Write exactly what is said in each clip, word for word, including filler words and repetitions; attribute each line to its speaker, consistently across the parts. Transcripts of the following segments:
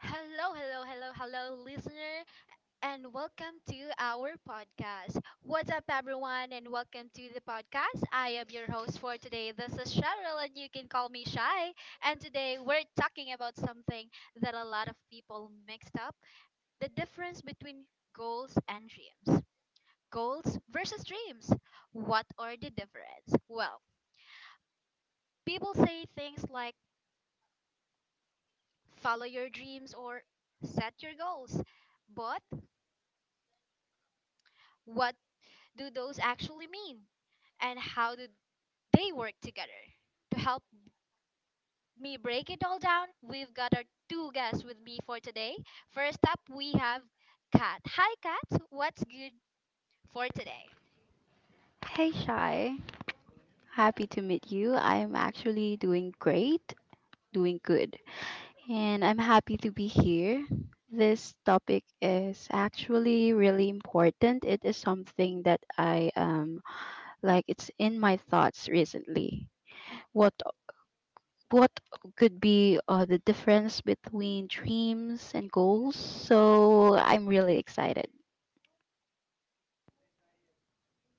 Speaker 1: Hello, hello, hello, hello, listener, and welcome to our podcast. What's up, everyone, and welcome to the podcast. I am your host for today. This is Cheryl, and you can call me Shy. And today we're talking about something that a lot of people mixed up the difference between goals and dreams. Goals versus dreams. What are the difference? Well, people say things like follow your dreams or set your goals. But what do those actually mean? And how do they work together? To help me break it all down, we've got our two guests with me for today. First up, we have Kat. Hi, Kat. What's good for today?
Speaker 2: Hey Shai, happy to meet you. I'm actually doing great, doing good, and I'm happy to be here. This topic is actually really important. It is something that I um like it's in my thoughts recently. What what could be uh, the difference between dreams and goals? So I'm really excited.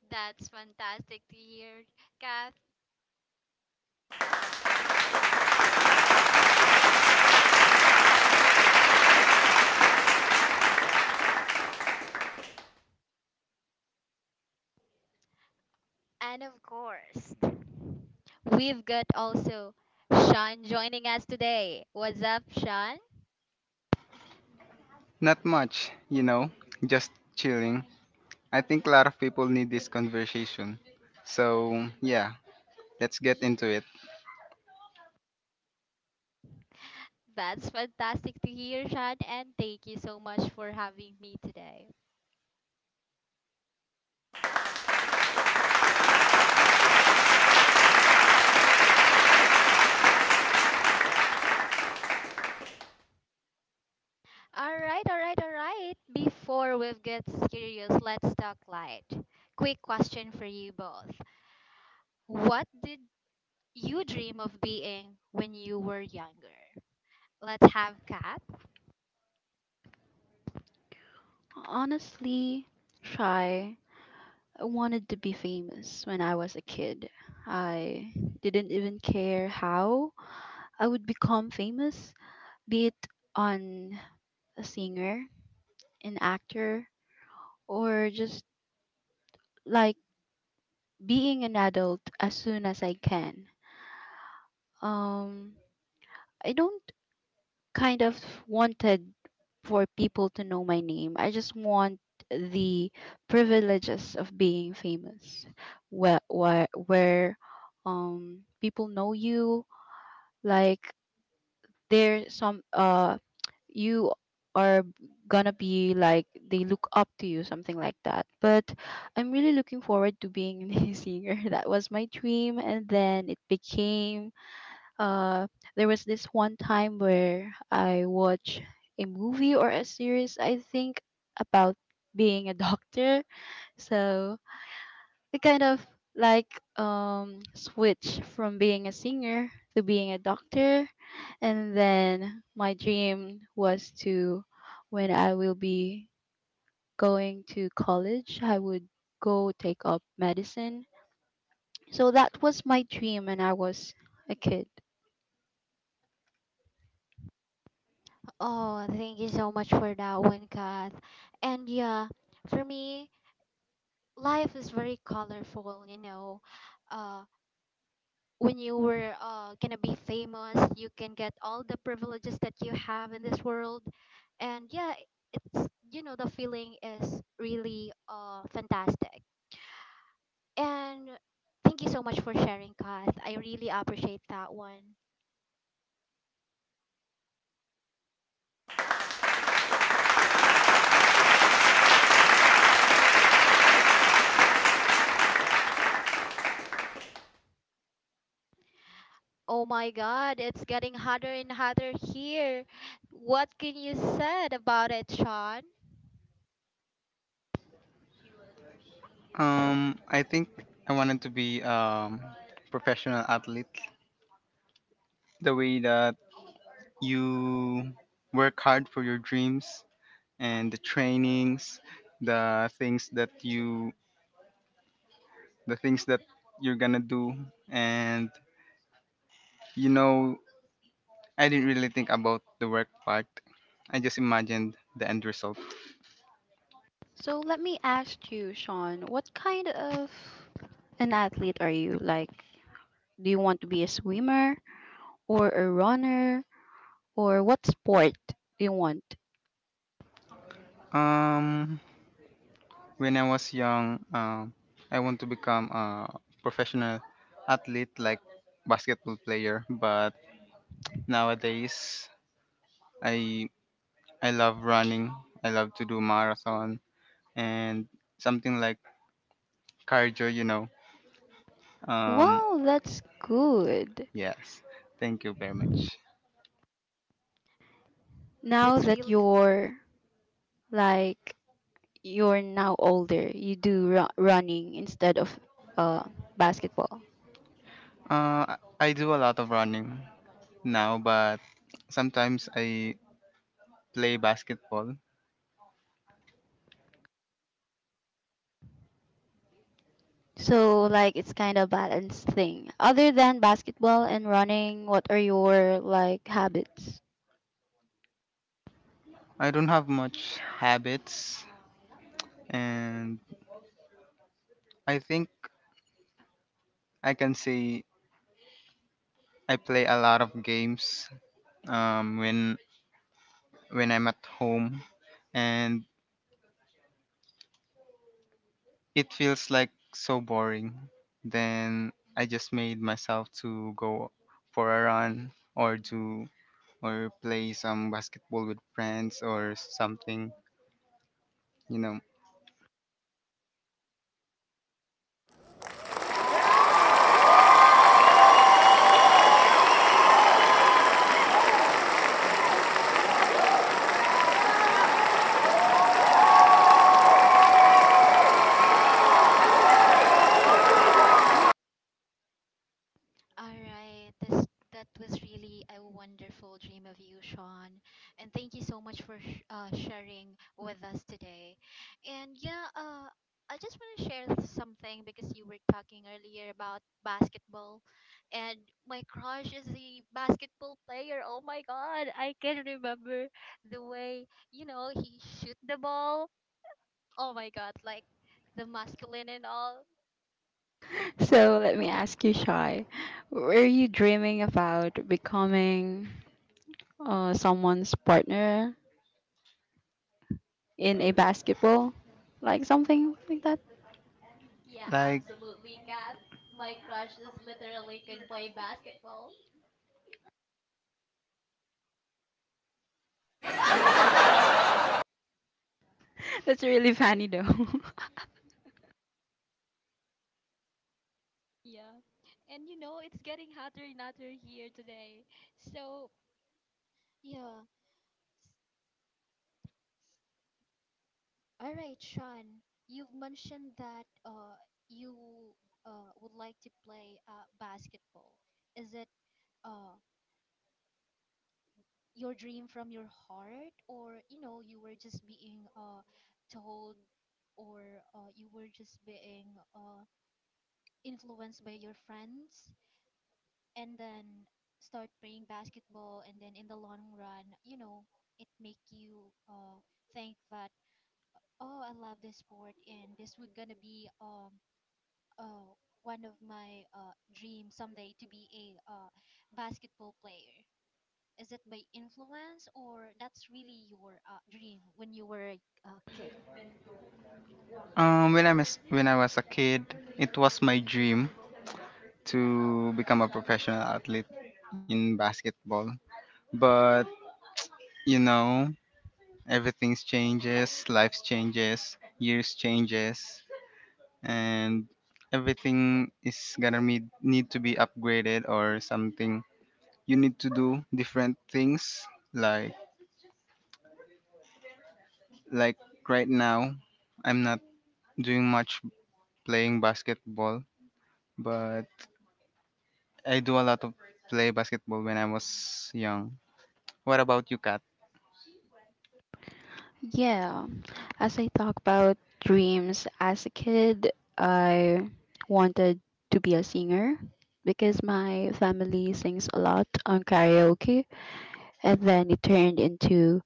Speaker 1: That's fantastic to hear, Kat. And of course, we've got also Sean joining us today. What's up, Sean?
Speaker 3: Not much, you know, just chilling. I think a lot of people need this conversation. So, yeah, let's get into it.
Speaker 1: That's fantastic to hear, Sean, and thank you so much for having me today. All right, all right, all right. Before we get serious, let's talk light. Quick question for you both. What did you dream of being when you were younger? Let's have Kat.
Speaker 2: Honestly, Shy, I wanted to be famous when I was a kid. I didn't even care how I would become famous, be it on a singer, an actor, or just like being an adult as soon as I can. Um, I don't kind of wanted for people to know my name. I just want the privileges of being famous, where where, where um people know you like they some uh you are gonna be like they look up to you something like that but I'm really looking forward to being a singer. That was my dream, and then it became uh there was this one time where I watched a movie or a series, I think, about being a doctor. So it kind of like um switch from being a singer to being a doctor, and then my dream was to, when I will be going to college, I would go take up medicine. So that was my dream when I was a kid.
Speaker 1: Oh, thank you so much for that one, Kat. And yeah, for me, life is very colorful, you know. uh. When you were uh, gonna be famous, you can get all the privileges that you have in this world, and yeah, it's you know the feeling is really uh fantastic. And thank you so much for sharing, Kath. I really appreciate that one. Oh my God, it's getting hotter and hotter here. What can you said about it, Sean?
Speaker 3: Um, I think I wanted to be um professional athlete. The way that you work hard for your dreams and the trainings, the things that you the things that you're going to do and you know, I didn't really think about the work part. I just imagined the end result.
Speaker 2: So let me ask you, Sean, what kind of an athlete are you? Like, do you want to be a swimmer or a runner or what sport do you want?
Speaker 3: Um, when I was young, um, I want to become a professional athlete, like basketball player. But nowadays, I I love running. I love to do marathon and something like cardio. You know. Um,
Speaker 2: Wow, that's good.
Speaker 3: yes. Thank you very much.
Speaker 2: Now
Speaker 1: That's
Speaker 2: that
Speaker 1: real.
Speaker 2: you're like you're now older, you do ru- running instead of uh basketball.
Speaker 3: Uh, I I do a lot of running now, but sometimes I play basketball.
Speaker 2: So like it's kind of balanced thing. Other than basketball and running, what are your like habits?
Speaker 3: I don't have much habits, and I think I can say I play a lot of games um, when when I'm at home, and it feels like so boring. Then I just made myself to go for a run or do or play some basketball with friends or something. You know,
Speaker 1: All right. This That was really a wonderful dream of you, Sean. And thank you so much for sh- uh, sharing with us today. And yeah, uh, I just want to share something because you were talking earlier about basketball, and my crush is the basketball player. Oh my God, I can remember the way you know he shoot the ball. Oh my God, like the masculine and all.
Speaker 2: So let me ask you, Shy, were you dreaming about becoming uh, someone's partner in a basketball, like something like that?
Speaker 1: Yeah,
Speaker 3: like
Speaker 1: absolutely, Kat. My crush is literally can play basketball.
Speaker 2: That's really funny though.
Speaker 1: Yeah. And you know, it's getting hotter and hotter here today. So, yeah. All right, Sean. You've mentioned that uh, you uh, would like to play uh, basketball. Is it uh, your dream from your heart, or you know, you were just being uh, told, or uh, you were just being uh, influenced by your friends? And then start playing basketball, and then in the long run you know it make you uh think that, oh, I love this sport and this would gonna be um uh one of my uh dreams someday to be a uh basketball player. Is it by influence, or that's really your uh, dream when you were a uh, kid?
Speaker 3: um, when I was when I was a kid, it was my dream to become a professional athlete in basketball. But you know, everything changes, life changes, years changes, and everything is gonna need, need to be upgraded or something, you need to do different things, like like right now I'm not doing much playing basketball, but I do a lot of play basketball when I was young. What about you, Kat?
Speaker 2: Yeah, as I talk about dreams as a kid, I wanted to be a singer because my family sings a lot on karaoke, and then it turned into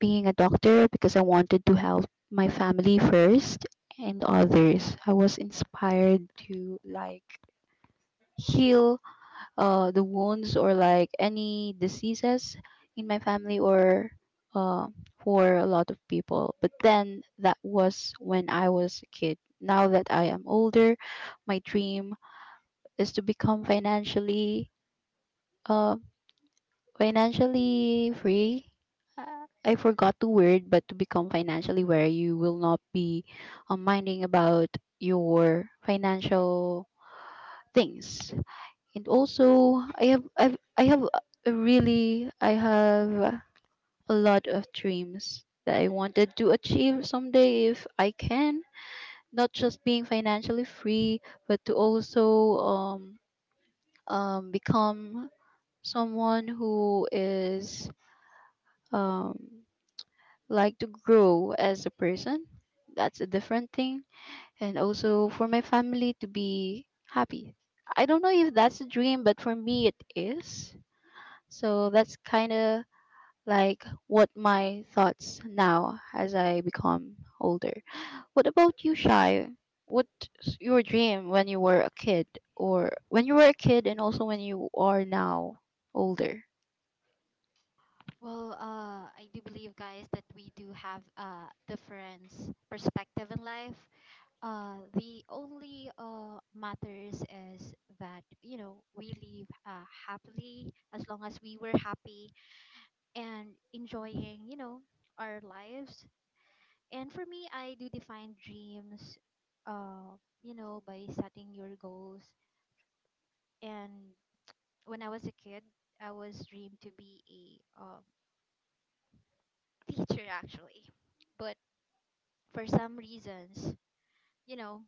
Speaker 2: being a doctor because I wanted to help my family first and others. I was inspired to like heal uh, the wounds or like any diseases in my family or uh, for a lot of people. But then that was when I was a kid. Now that I am older, my dream is to become financially uh, financially free. Uh, I forgot the word, but to become financially where you will not be uh, minding about your financial things. And also I have I've, I have a really I have a lot of dreams that I wanted to achieve someday if I can, not just being financially free, but to also um, um, become someone who is um, like to grow as a person. That's a different thing, and also for my family to be happy. I don't know if that's a dream, but for me it is. So that's kind of like what my thoughts now as I become older. What about you, Shy? What's your dream when you were a kid, or when you were a kid, and also when you are now older?
Speaker 1: Well, uh, I do believe, guys, that we do have a different perspective in life. Uh, the only uh, matters is that you know we live uh, happily as long as we were happy and enjoying you know our lives. And for me, I do define dreams, uh, you know, by setting your goals. And when I was a kid, I was dreamed to be a um, teacher actually, but for some reasons, you know,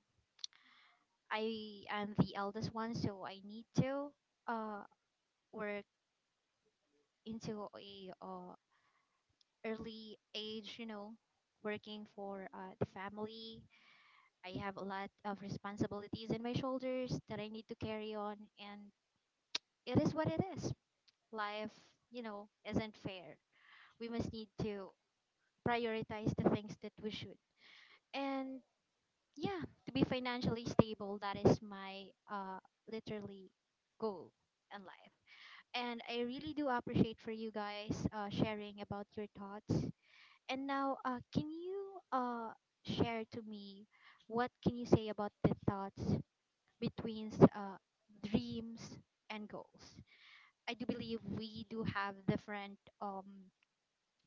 Speaker 1: I am the eldest one, so I need to uh work into a uh, early age, you know, working for uh, the family. I have a lot of responsibilities in my shoulders that I need to carry on, and it is what it is. Life, you know, isn't fair. We must need to prioritize the things that we should. And yeah, to be financially stable, that is my uh, literally goal in life. And I really do appreciate for you guys uh, sharing about your thoughts. And now, uh, can you uh, share to me what can you say about the thoughts between s- uh, dreams and goals? I do believe we do have different um,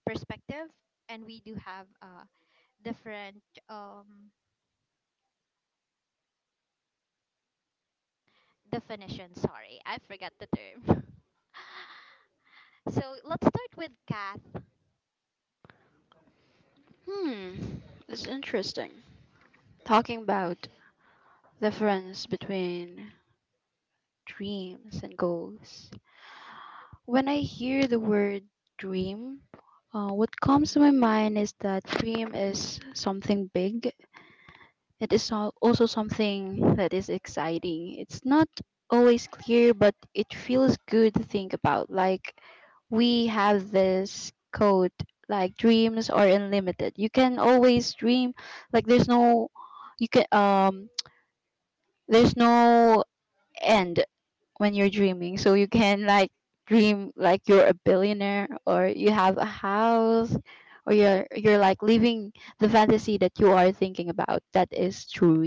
Speaker 1: perspective and we do have uh, different um, definition. Sorry, I forgot the term. So let's start with Kath.
Speaker 2: Hmm, it's interesting. Talking about difference between dreams and goals. When I hear the word dream, uh, what comes to my mind is that dream is something big. It is al- also something that is exciting. It's not always clear, but it feels good to think about. Like, we have this code, like, dreams are unlimited. You can always dream, like, there's no, you can, um, there's no end when you're dreaming. So you can, like, dream like you're a billionaire or you have a house or you're you're like living the fantasy that you are thinking about that is true.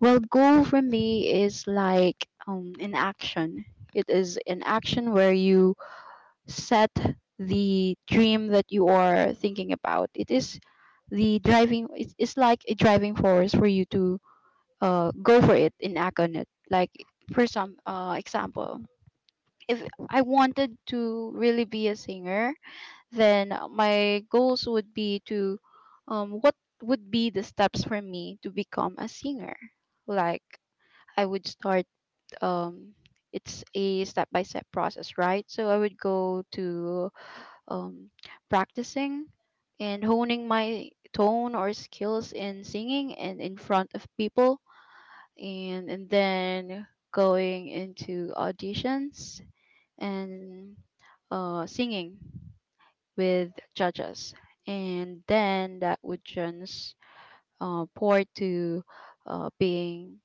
Speaker 2: Well, goal for me is like um, an action. It is an action where you set the dream that you are thinking about. It is the driving. It's, it's like a driving force for you to uh, go for it and act on it. Like for some uh, example, if I wanted to really be a singer, then my goals would be to, um, what would be the steps for me to become a singer. Like I would start, um, it's a step by step process, right? So I would go to um, practicing and honing my tone or skills in singing and in front of people, and, and then going into auditions and uh, singing with judges. And then that would just uh, pour to uh, being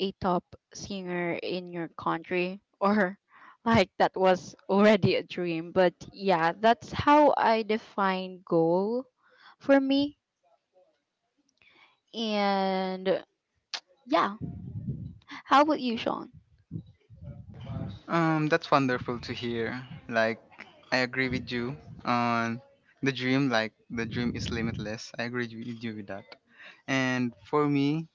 Speaker 2: a top singer in your country or like that was already a dream. But yeah, that's how I define goal for me. And yeah, how about you, Sean?
Speaker 3: Um, that's wonderful to hear. Like, I agree with you on the dream. Like, the dream is limitless. I agree with you with that. And for me,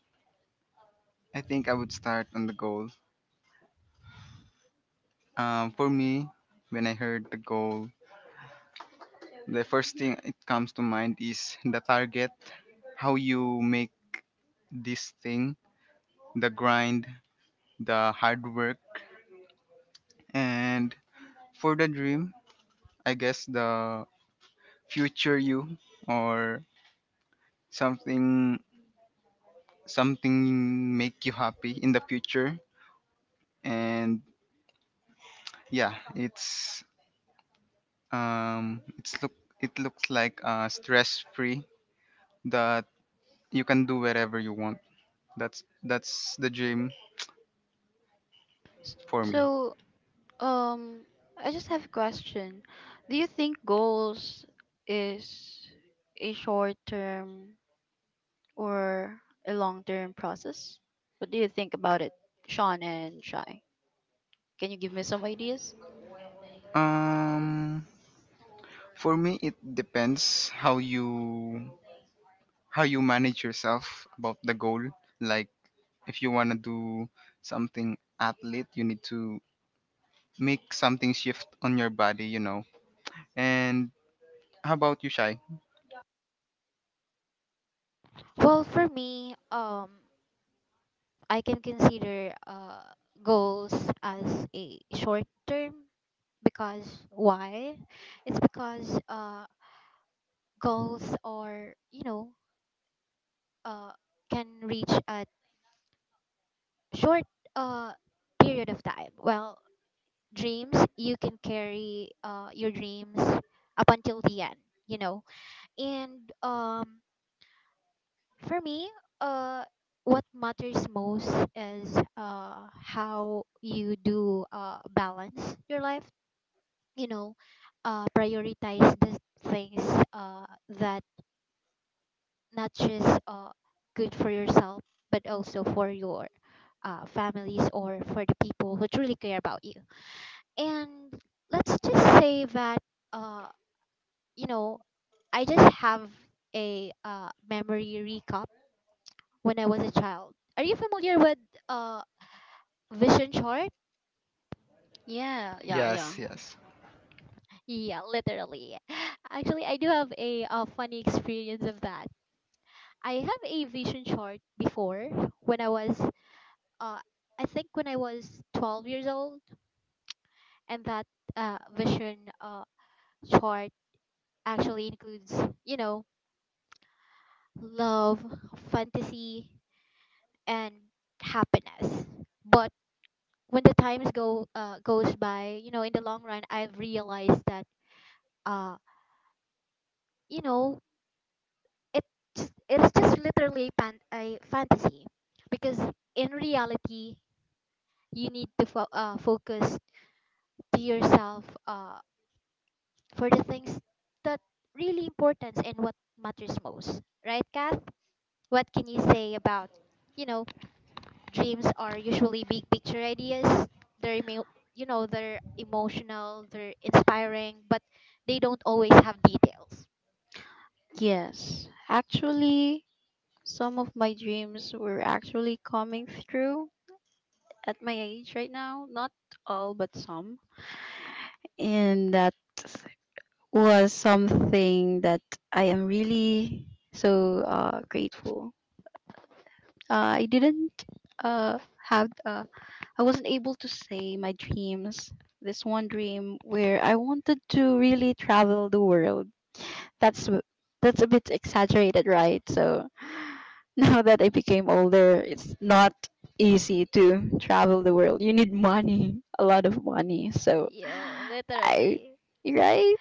Speaker 3: I think I would start on the goal. Um, for me, when I heard the goal, the first thing it comes to mind is the target, how you make this thing, the grind, the hard work, and for the dream, I guess the future you or something something make you happy in the future. And yeah, it's um, it's look, it looks like uh, stress free, that you can do wherever you want. That's that's the dream for me.
Speaker 2: So um I just have a question. Do you think goals is a short term or a long term process? What do you think about it, Sean and Shy? Can you give me some ideas?
Speaker 3: Um, for me, it depends how you how you manage yourself about the goal. Like, if you want to do something athlete, you need to make something shift on your body, you know. And how about you, Shy?
Speaker 1: Well, for me, um, I can consider uh, goals as a short term because why? It's because uh goals are you know uh can reach a short uh period of time. Well, dreams you can carry uh your dreams up until the end, you know. And um for me, uh what matters most is uh how you do uh balance your life, you know, uh prioritize the things uh that not just uh, good for yourself, but also for your uh, families or for the people who truly care about you. And let's just say that, uh, you know, I just have a uh, memory recap when I was a child. Are you familiar with uh, vision chart?
Speaker 2: Yeah, yeah, yeah.
Speaker 3: Yes, yes.
Speaker 1: Yeah, literally. Actually, I do have a uh funny experience of that. I have a vision chart before when I was, uh, I think when I was twelve years old. And that uh, vision uh, chart actually includes you know love, fantasy, and happiness. But when the times go uh, goes by, you know, in the long run I've realized that uh you know it just, it's just literally pan- a fantasy, because in reality you need to fo- uh, focus to yourself uh, for the things that really importance and what matters most, right, Kath? What can you say about, you know, dreams are usually big picture ideas. They're emo- you know, they're emotional, they're inspiring, but they don't always have details.
Speaker 2: Yes, actually, some of my dreams were actually coming through at my age right now. Not all, but some. And that was something that I am really so uh, grateful. Uh, I didn't uh, have, uh, I wasn't able to say my dreams. This one dream where I wanted to really travel the world. That's that's a bit exaggerated, right? So now that I became older, it's not easy to travel the world. You need money, a lot of money. So
Speaker 1: Yeah,
Speaker 2: I,
Speaker 1: literally.
Speaker 2: right?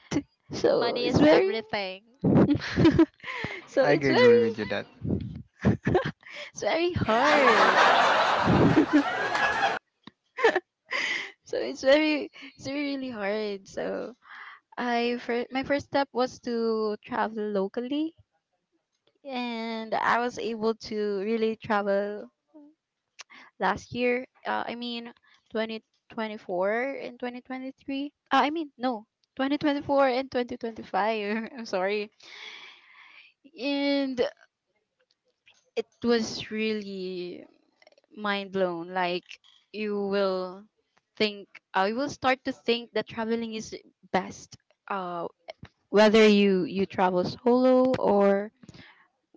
Speaker 2: So
Speaker 1: Money
Speaker 2: it's
Speaker 1: is
Speaker 2: very,
Speaker 1: everything.
Speaker 2: so
Speaker 3: I
Speaker 2: it's
Speaker 3: g- agree
Speaker 2: very,
Speaker 3: with you that.
Speaker 2: it's very hard. So it's very, it's really hard. So I, fir- my first step was to travel locally, and I was able to really travel last year. Uh, I mean, twenty twenty-four and twenty twenty-three. Uh, I mean, no, twenty twenty-four and twenty twenty-five. I'm sorry. And it was really mind blown. Like, you will think, uh, you will start to think that traveling is best. Uh, whether you you travel solo or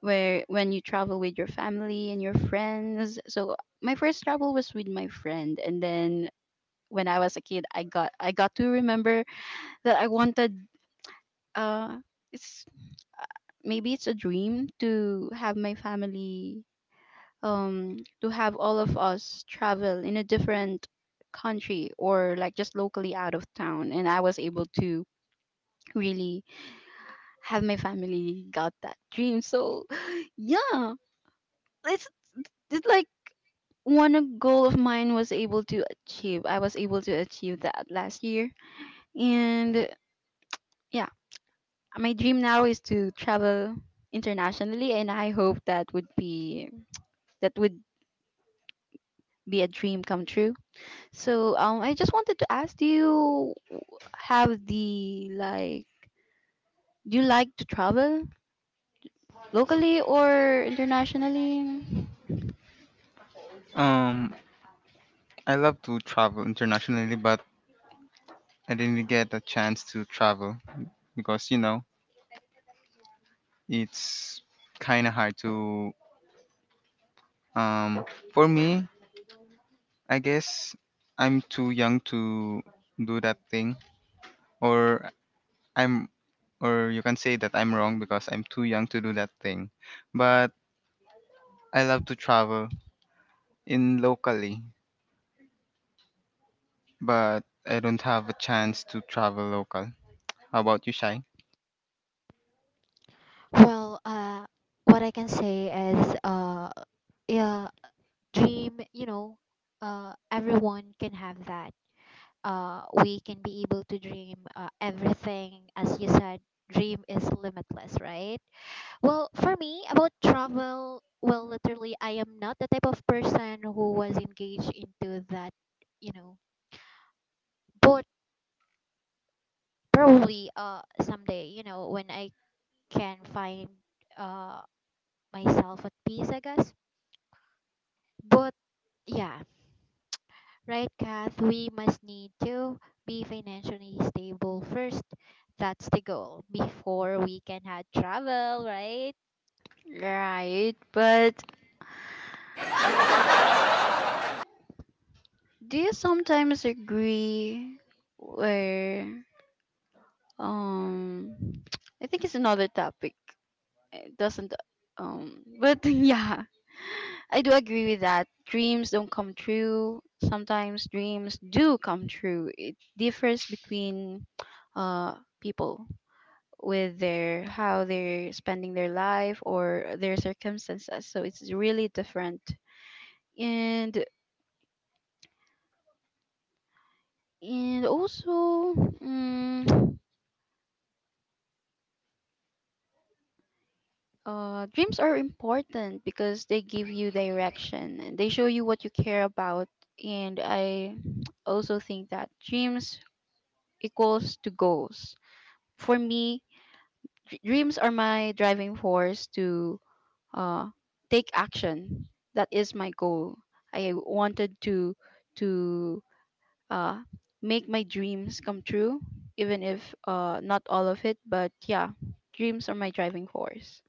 Speaker 2: where when you travel with your family and your friends. So my first travel was with my friend, and then when I was a kid, I got I got to remember that I wanted, uh it's maybe it's a dream to have my family, um to have all of us travel in a different country or like just locally out of town. And I was able to really have my family got that dream. So yeah, it's it's like one goal of mine was able to achieve. I was able to achieve that last year. And yeah, my dream now is to travel internationally, and I hope that would be, that would be a dream come true. So um I just wanted to ask, do you have the like, do you like to travel locally or internationally?
Speaker 3: Um, I love to travel internationally, but I didn't get a chance to travel because, you know, it's kind of hard to, um, for me, I guess I'm too young to do that thing. Or I'm, or you can say that I'm wrong because I'm too young to do that thing. But I love to travel in locally, but I don't have a chance to travel local. How about you, Shai?
Speaker 1: Well, uh, what I can say is, uh, yeah, dream, you know, uh, everyone can have that. Uh, we can be able to dream uh, everything. As you said, dream is limitless, right? Well, for me, about travel, well, literally, I am not the type of person who was engaged into that, you know. But probably, uh, someday, you know, when I can find, uh, myself at peace, I guess. But yeah, right, Kath. We must need to be financially stable first. That's the goal before we can have travel, right?
Speaker 2: Right, but do you sometimes agree where, um I think it's another topic. It doesn't, um but yeah, I do agree with that. Dreams don't come true. Sometimes dreams do come true. It differs between uh, people with their how they're spending their life or their circumstances. So it's really different. And and also, mm, uh, dreams are important because they give you direction and they show you what you care about. And I also think that dreams equals to goals. For me, dr- dreams are my driving force to uh, take action. That is my goal. I wanted to to uh, make my dreams come true, even if uh, not all of it. But yeah, dreams are my driving force.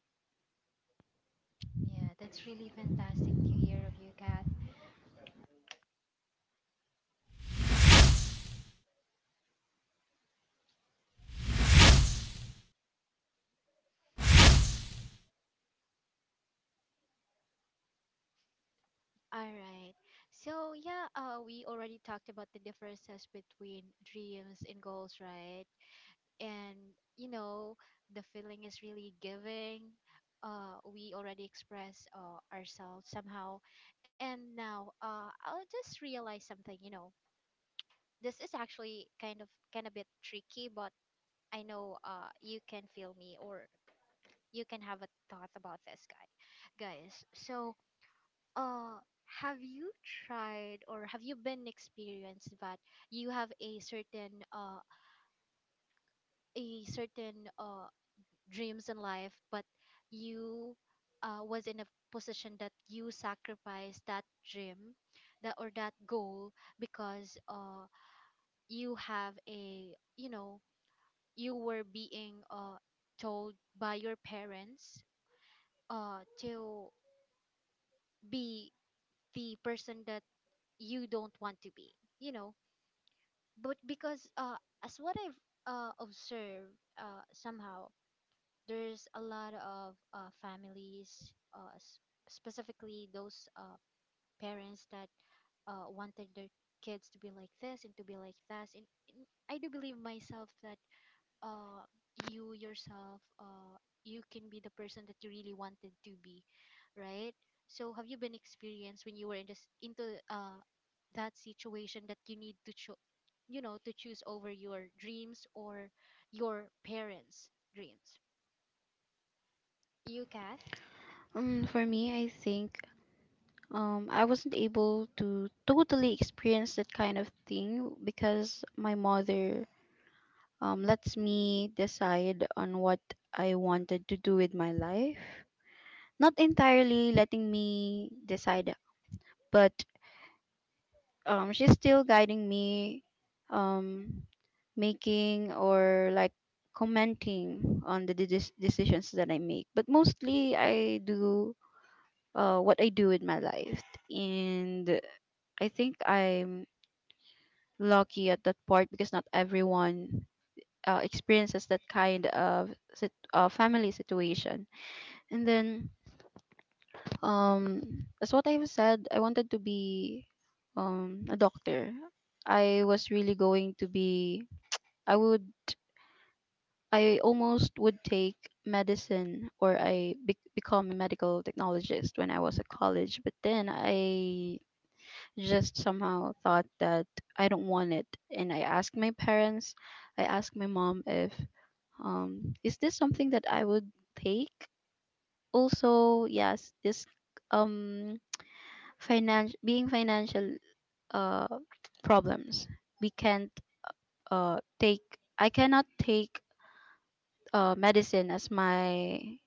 Speaker 1: Yeah, that's really fantastic to hear of you, Kath. All right. So yeah, uh, we already talked about the differences between dreams and goals, right? And you know, the feeling is really giving. Uh, we already express uh, ourselves somehow, and now uh, I'll just realize something. You know, this is actually kind of kind of bit tricky, but I know uh, you can feel me or you can have a thought about this guy, guys. So uh, have you tried or have you been experienced that you have a certain uh a certain uh dreams in life, but you uh was in a position that you sacrificed that dream, that or that goal because uh you have a you know you were being uh told by your parents uh to be the person that you don't want to be, you know, but because uh, as what I've uh, observed, uh, somehow there's a lot of uh, families, uh, s- specifically those uh, parents that uh, wanted their kids to be like this and to be like that. And, and I do believe myself that uh, you yourself, uh, you can be the person that you really wanted to be, right? So, have you been experienced when you were in this into uh, that situation that you need to cho- you know to choose over your dreams or your parents' dreams? You, Kath?
Speaker 2: Um, for me, I think um, I wasn't able to totally experience that kind of thing because my mother um, lets me decide on what I wanted to do with my life. Not entirely letting me decide, but um, she's still guiding me, um, making or like commenting on the de- de- decisions that I make. But mostly, I do uh, what I do with my life, and I think I'm lucky at that part because not everyone uh, experiences that kind of sit- uh, family situation. And then Um, as what I've said, I wanted to be um, a doctor. I was really going to be. I would. I almost would take medicine, or I be- become a medical technologist when I was at college. But then I just somehow thought that I don't want it, and I asked my parents. I asked my mom if um, is this something that I would take. Also, yes, this um Finan- being financial uh, problems. We can't uh, take. I cannot take uh, medicine as my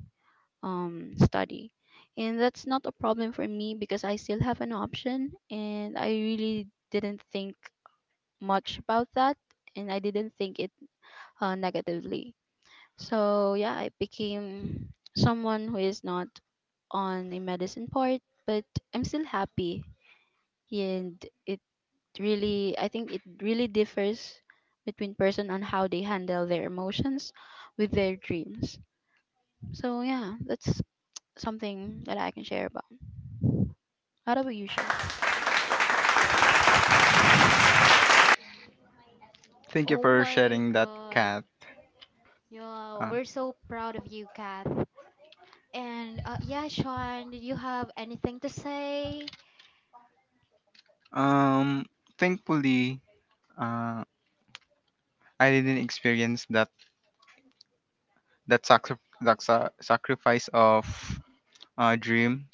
Speaker 2: um, study, and that's not a problem for me because I still have an option, and I really didn't think much about that, and I didn't think it uh, negatively. So yeah, I became someone who is not on a medicine part, but I'm still happy. And it really, I think it really differs between person on how they handle their emotions with their dreams. So yeah, that's something that I can share about. How about you, Sean?
Speaker 3: Thank you
Speaker 1: Oh
Speaker 3: for
Speaker 1: my
Speaker 3: sharing that,
Speaker 1: God!
Speaker 3: Kat.
Speaker 1: Yeah,
Speaker 3: Uh,
Speaker 1: we're so proud of you, Kath. And uh, yeah, Sean, did you have anything to say?
Speaker 3: um, Thankfully, uh, I didn't experience that that, sacri- that sa- sacrifice of uh, dream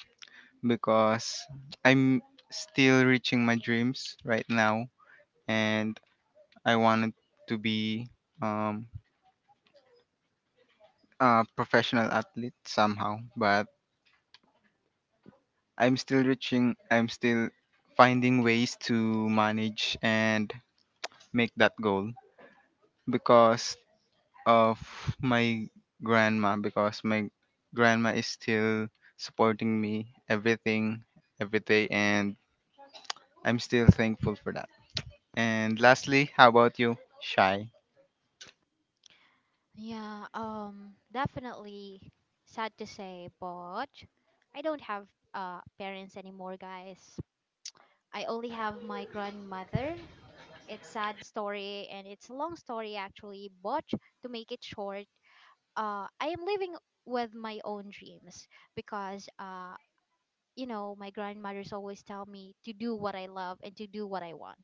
Speaker 3: because I'm still reaching my dreams right now, and I wanted to be um, a professional athlete somehow, but I'm still reaching. I'm still finding ways to manage and make that goal because of my grandma, because my grandma is still supporting me everything every day, and I'm still thankful for that. And lastly, how about you, Shy?
Speaker 1: Yeah, um, definitely sad to say, but I don't have uh parents anymore, guys. I only have my grandmother. It's sad story and it's a long story actually, but to make it short, uh, I am living with my own dreams because uh, you know, my grandmother's always tell me to do what I love and to do what I want.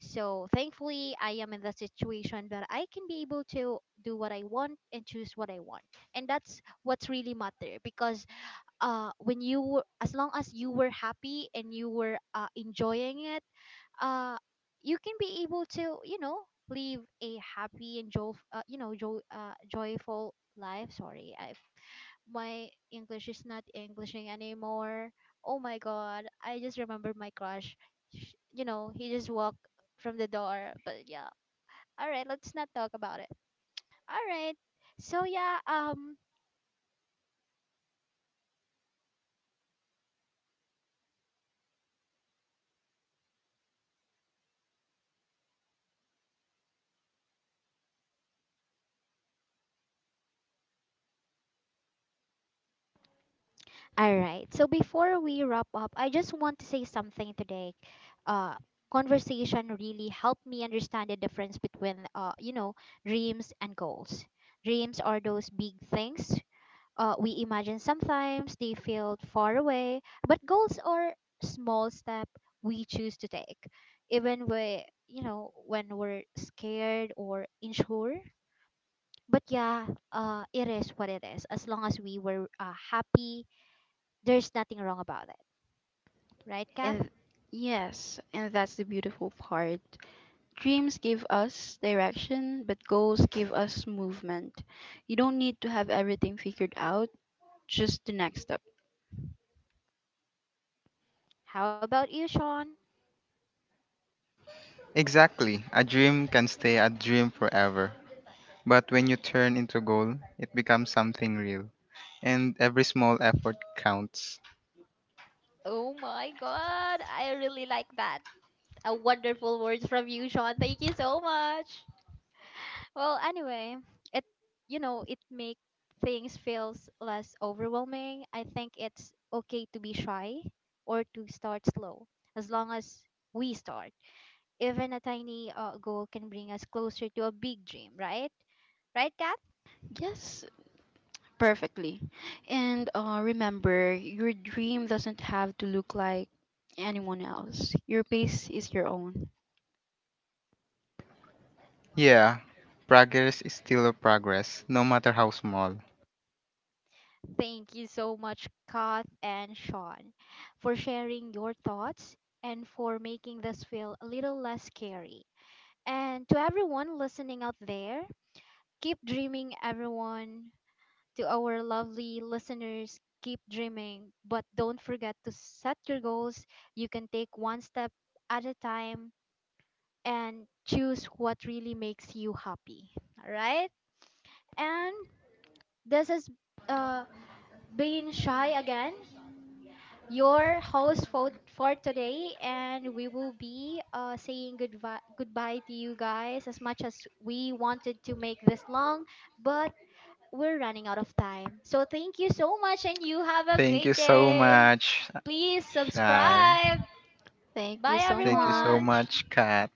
Speaker 1: So thankfully, I am in the situation that I can be able to do what I want and choose what I want, and that's what's really matter. Because uh, when you were, as long as you were happy and you were uh, enjoying it, uh, you can be able to, you know, live a happy and joy, uh, you know, joy, uh, joyful life. Sorry, I my English is not Englishing anymore. Oh my god, I just remember my crush. Sh- You know, he just walked from the door. But yeah, all right, let's not talk about it. All right. So yeah, um all right. So before we wrap up, I just want to say something today. Uh Conversation really helped me understand the difference between uh you know, dreams and goals. Dreams are those big things. Uh, we imagine sometimes they feel far away, but goals are small step we choose to take, even we you know when we're scared or unsure. But yeah, uh, it is what it is. As long as we were uh, happy, there's nothing wrong about it, right, Kath?
Speaker 2: And yes, and that's the beautiful part. Dreams give us direction, but goals give us movement. You don't need to have everything figured out, just the next step.
Speaker 1: How about you, Sean?
Speaker 3: Exactly. A dream can stay a dream forever. But when you turn into goal, it becomes something real. And every small effort counts.
Speaker 1: Oh my god, I really like that. A wonderful words from you, Sean. Thank you so much. Well, anyway, it you know, it make things feels less overwhelming. I think it's okay to be shy or to start slow as long as we start. Even a tiny uh, goal can bring us closer to a big dream, right? Right, Kat?
Speaker 2: Yes. Perfectly. And uh, remember, your dream doesn't have to look like anyone else. Your pace is your own.
Speaker 3: Yeah, progress is still a progress, no matter how small.
Speaker 1: Thank you so much, Kath and Sean, for sharing your thoughts and for making this feel a little less scary. And to everyone listening out there, keep dreaming, everyone. To our lovely listeners. Keep dreaming, but don't forget to set your goals. You can take one step at a time and choose what really makes you happy. All right? And this is uh, being shy again, your host for, for today, and we will be uh, saying goodbye goodbye to you guys as much as we wanted to make this long, but we're running out of time. So thank you so much and you have a great day.
Speaker 3: Much,
Speaker 1: Please subscribe.
Speaker 2: Thank you
Speaker 1: Bye
Speaker 2: so
Speaker 1: everyone.
Speaker 2: much.
Speaker 3: Kat.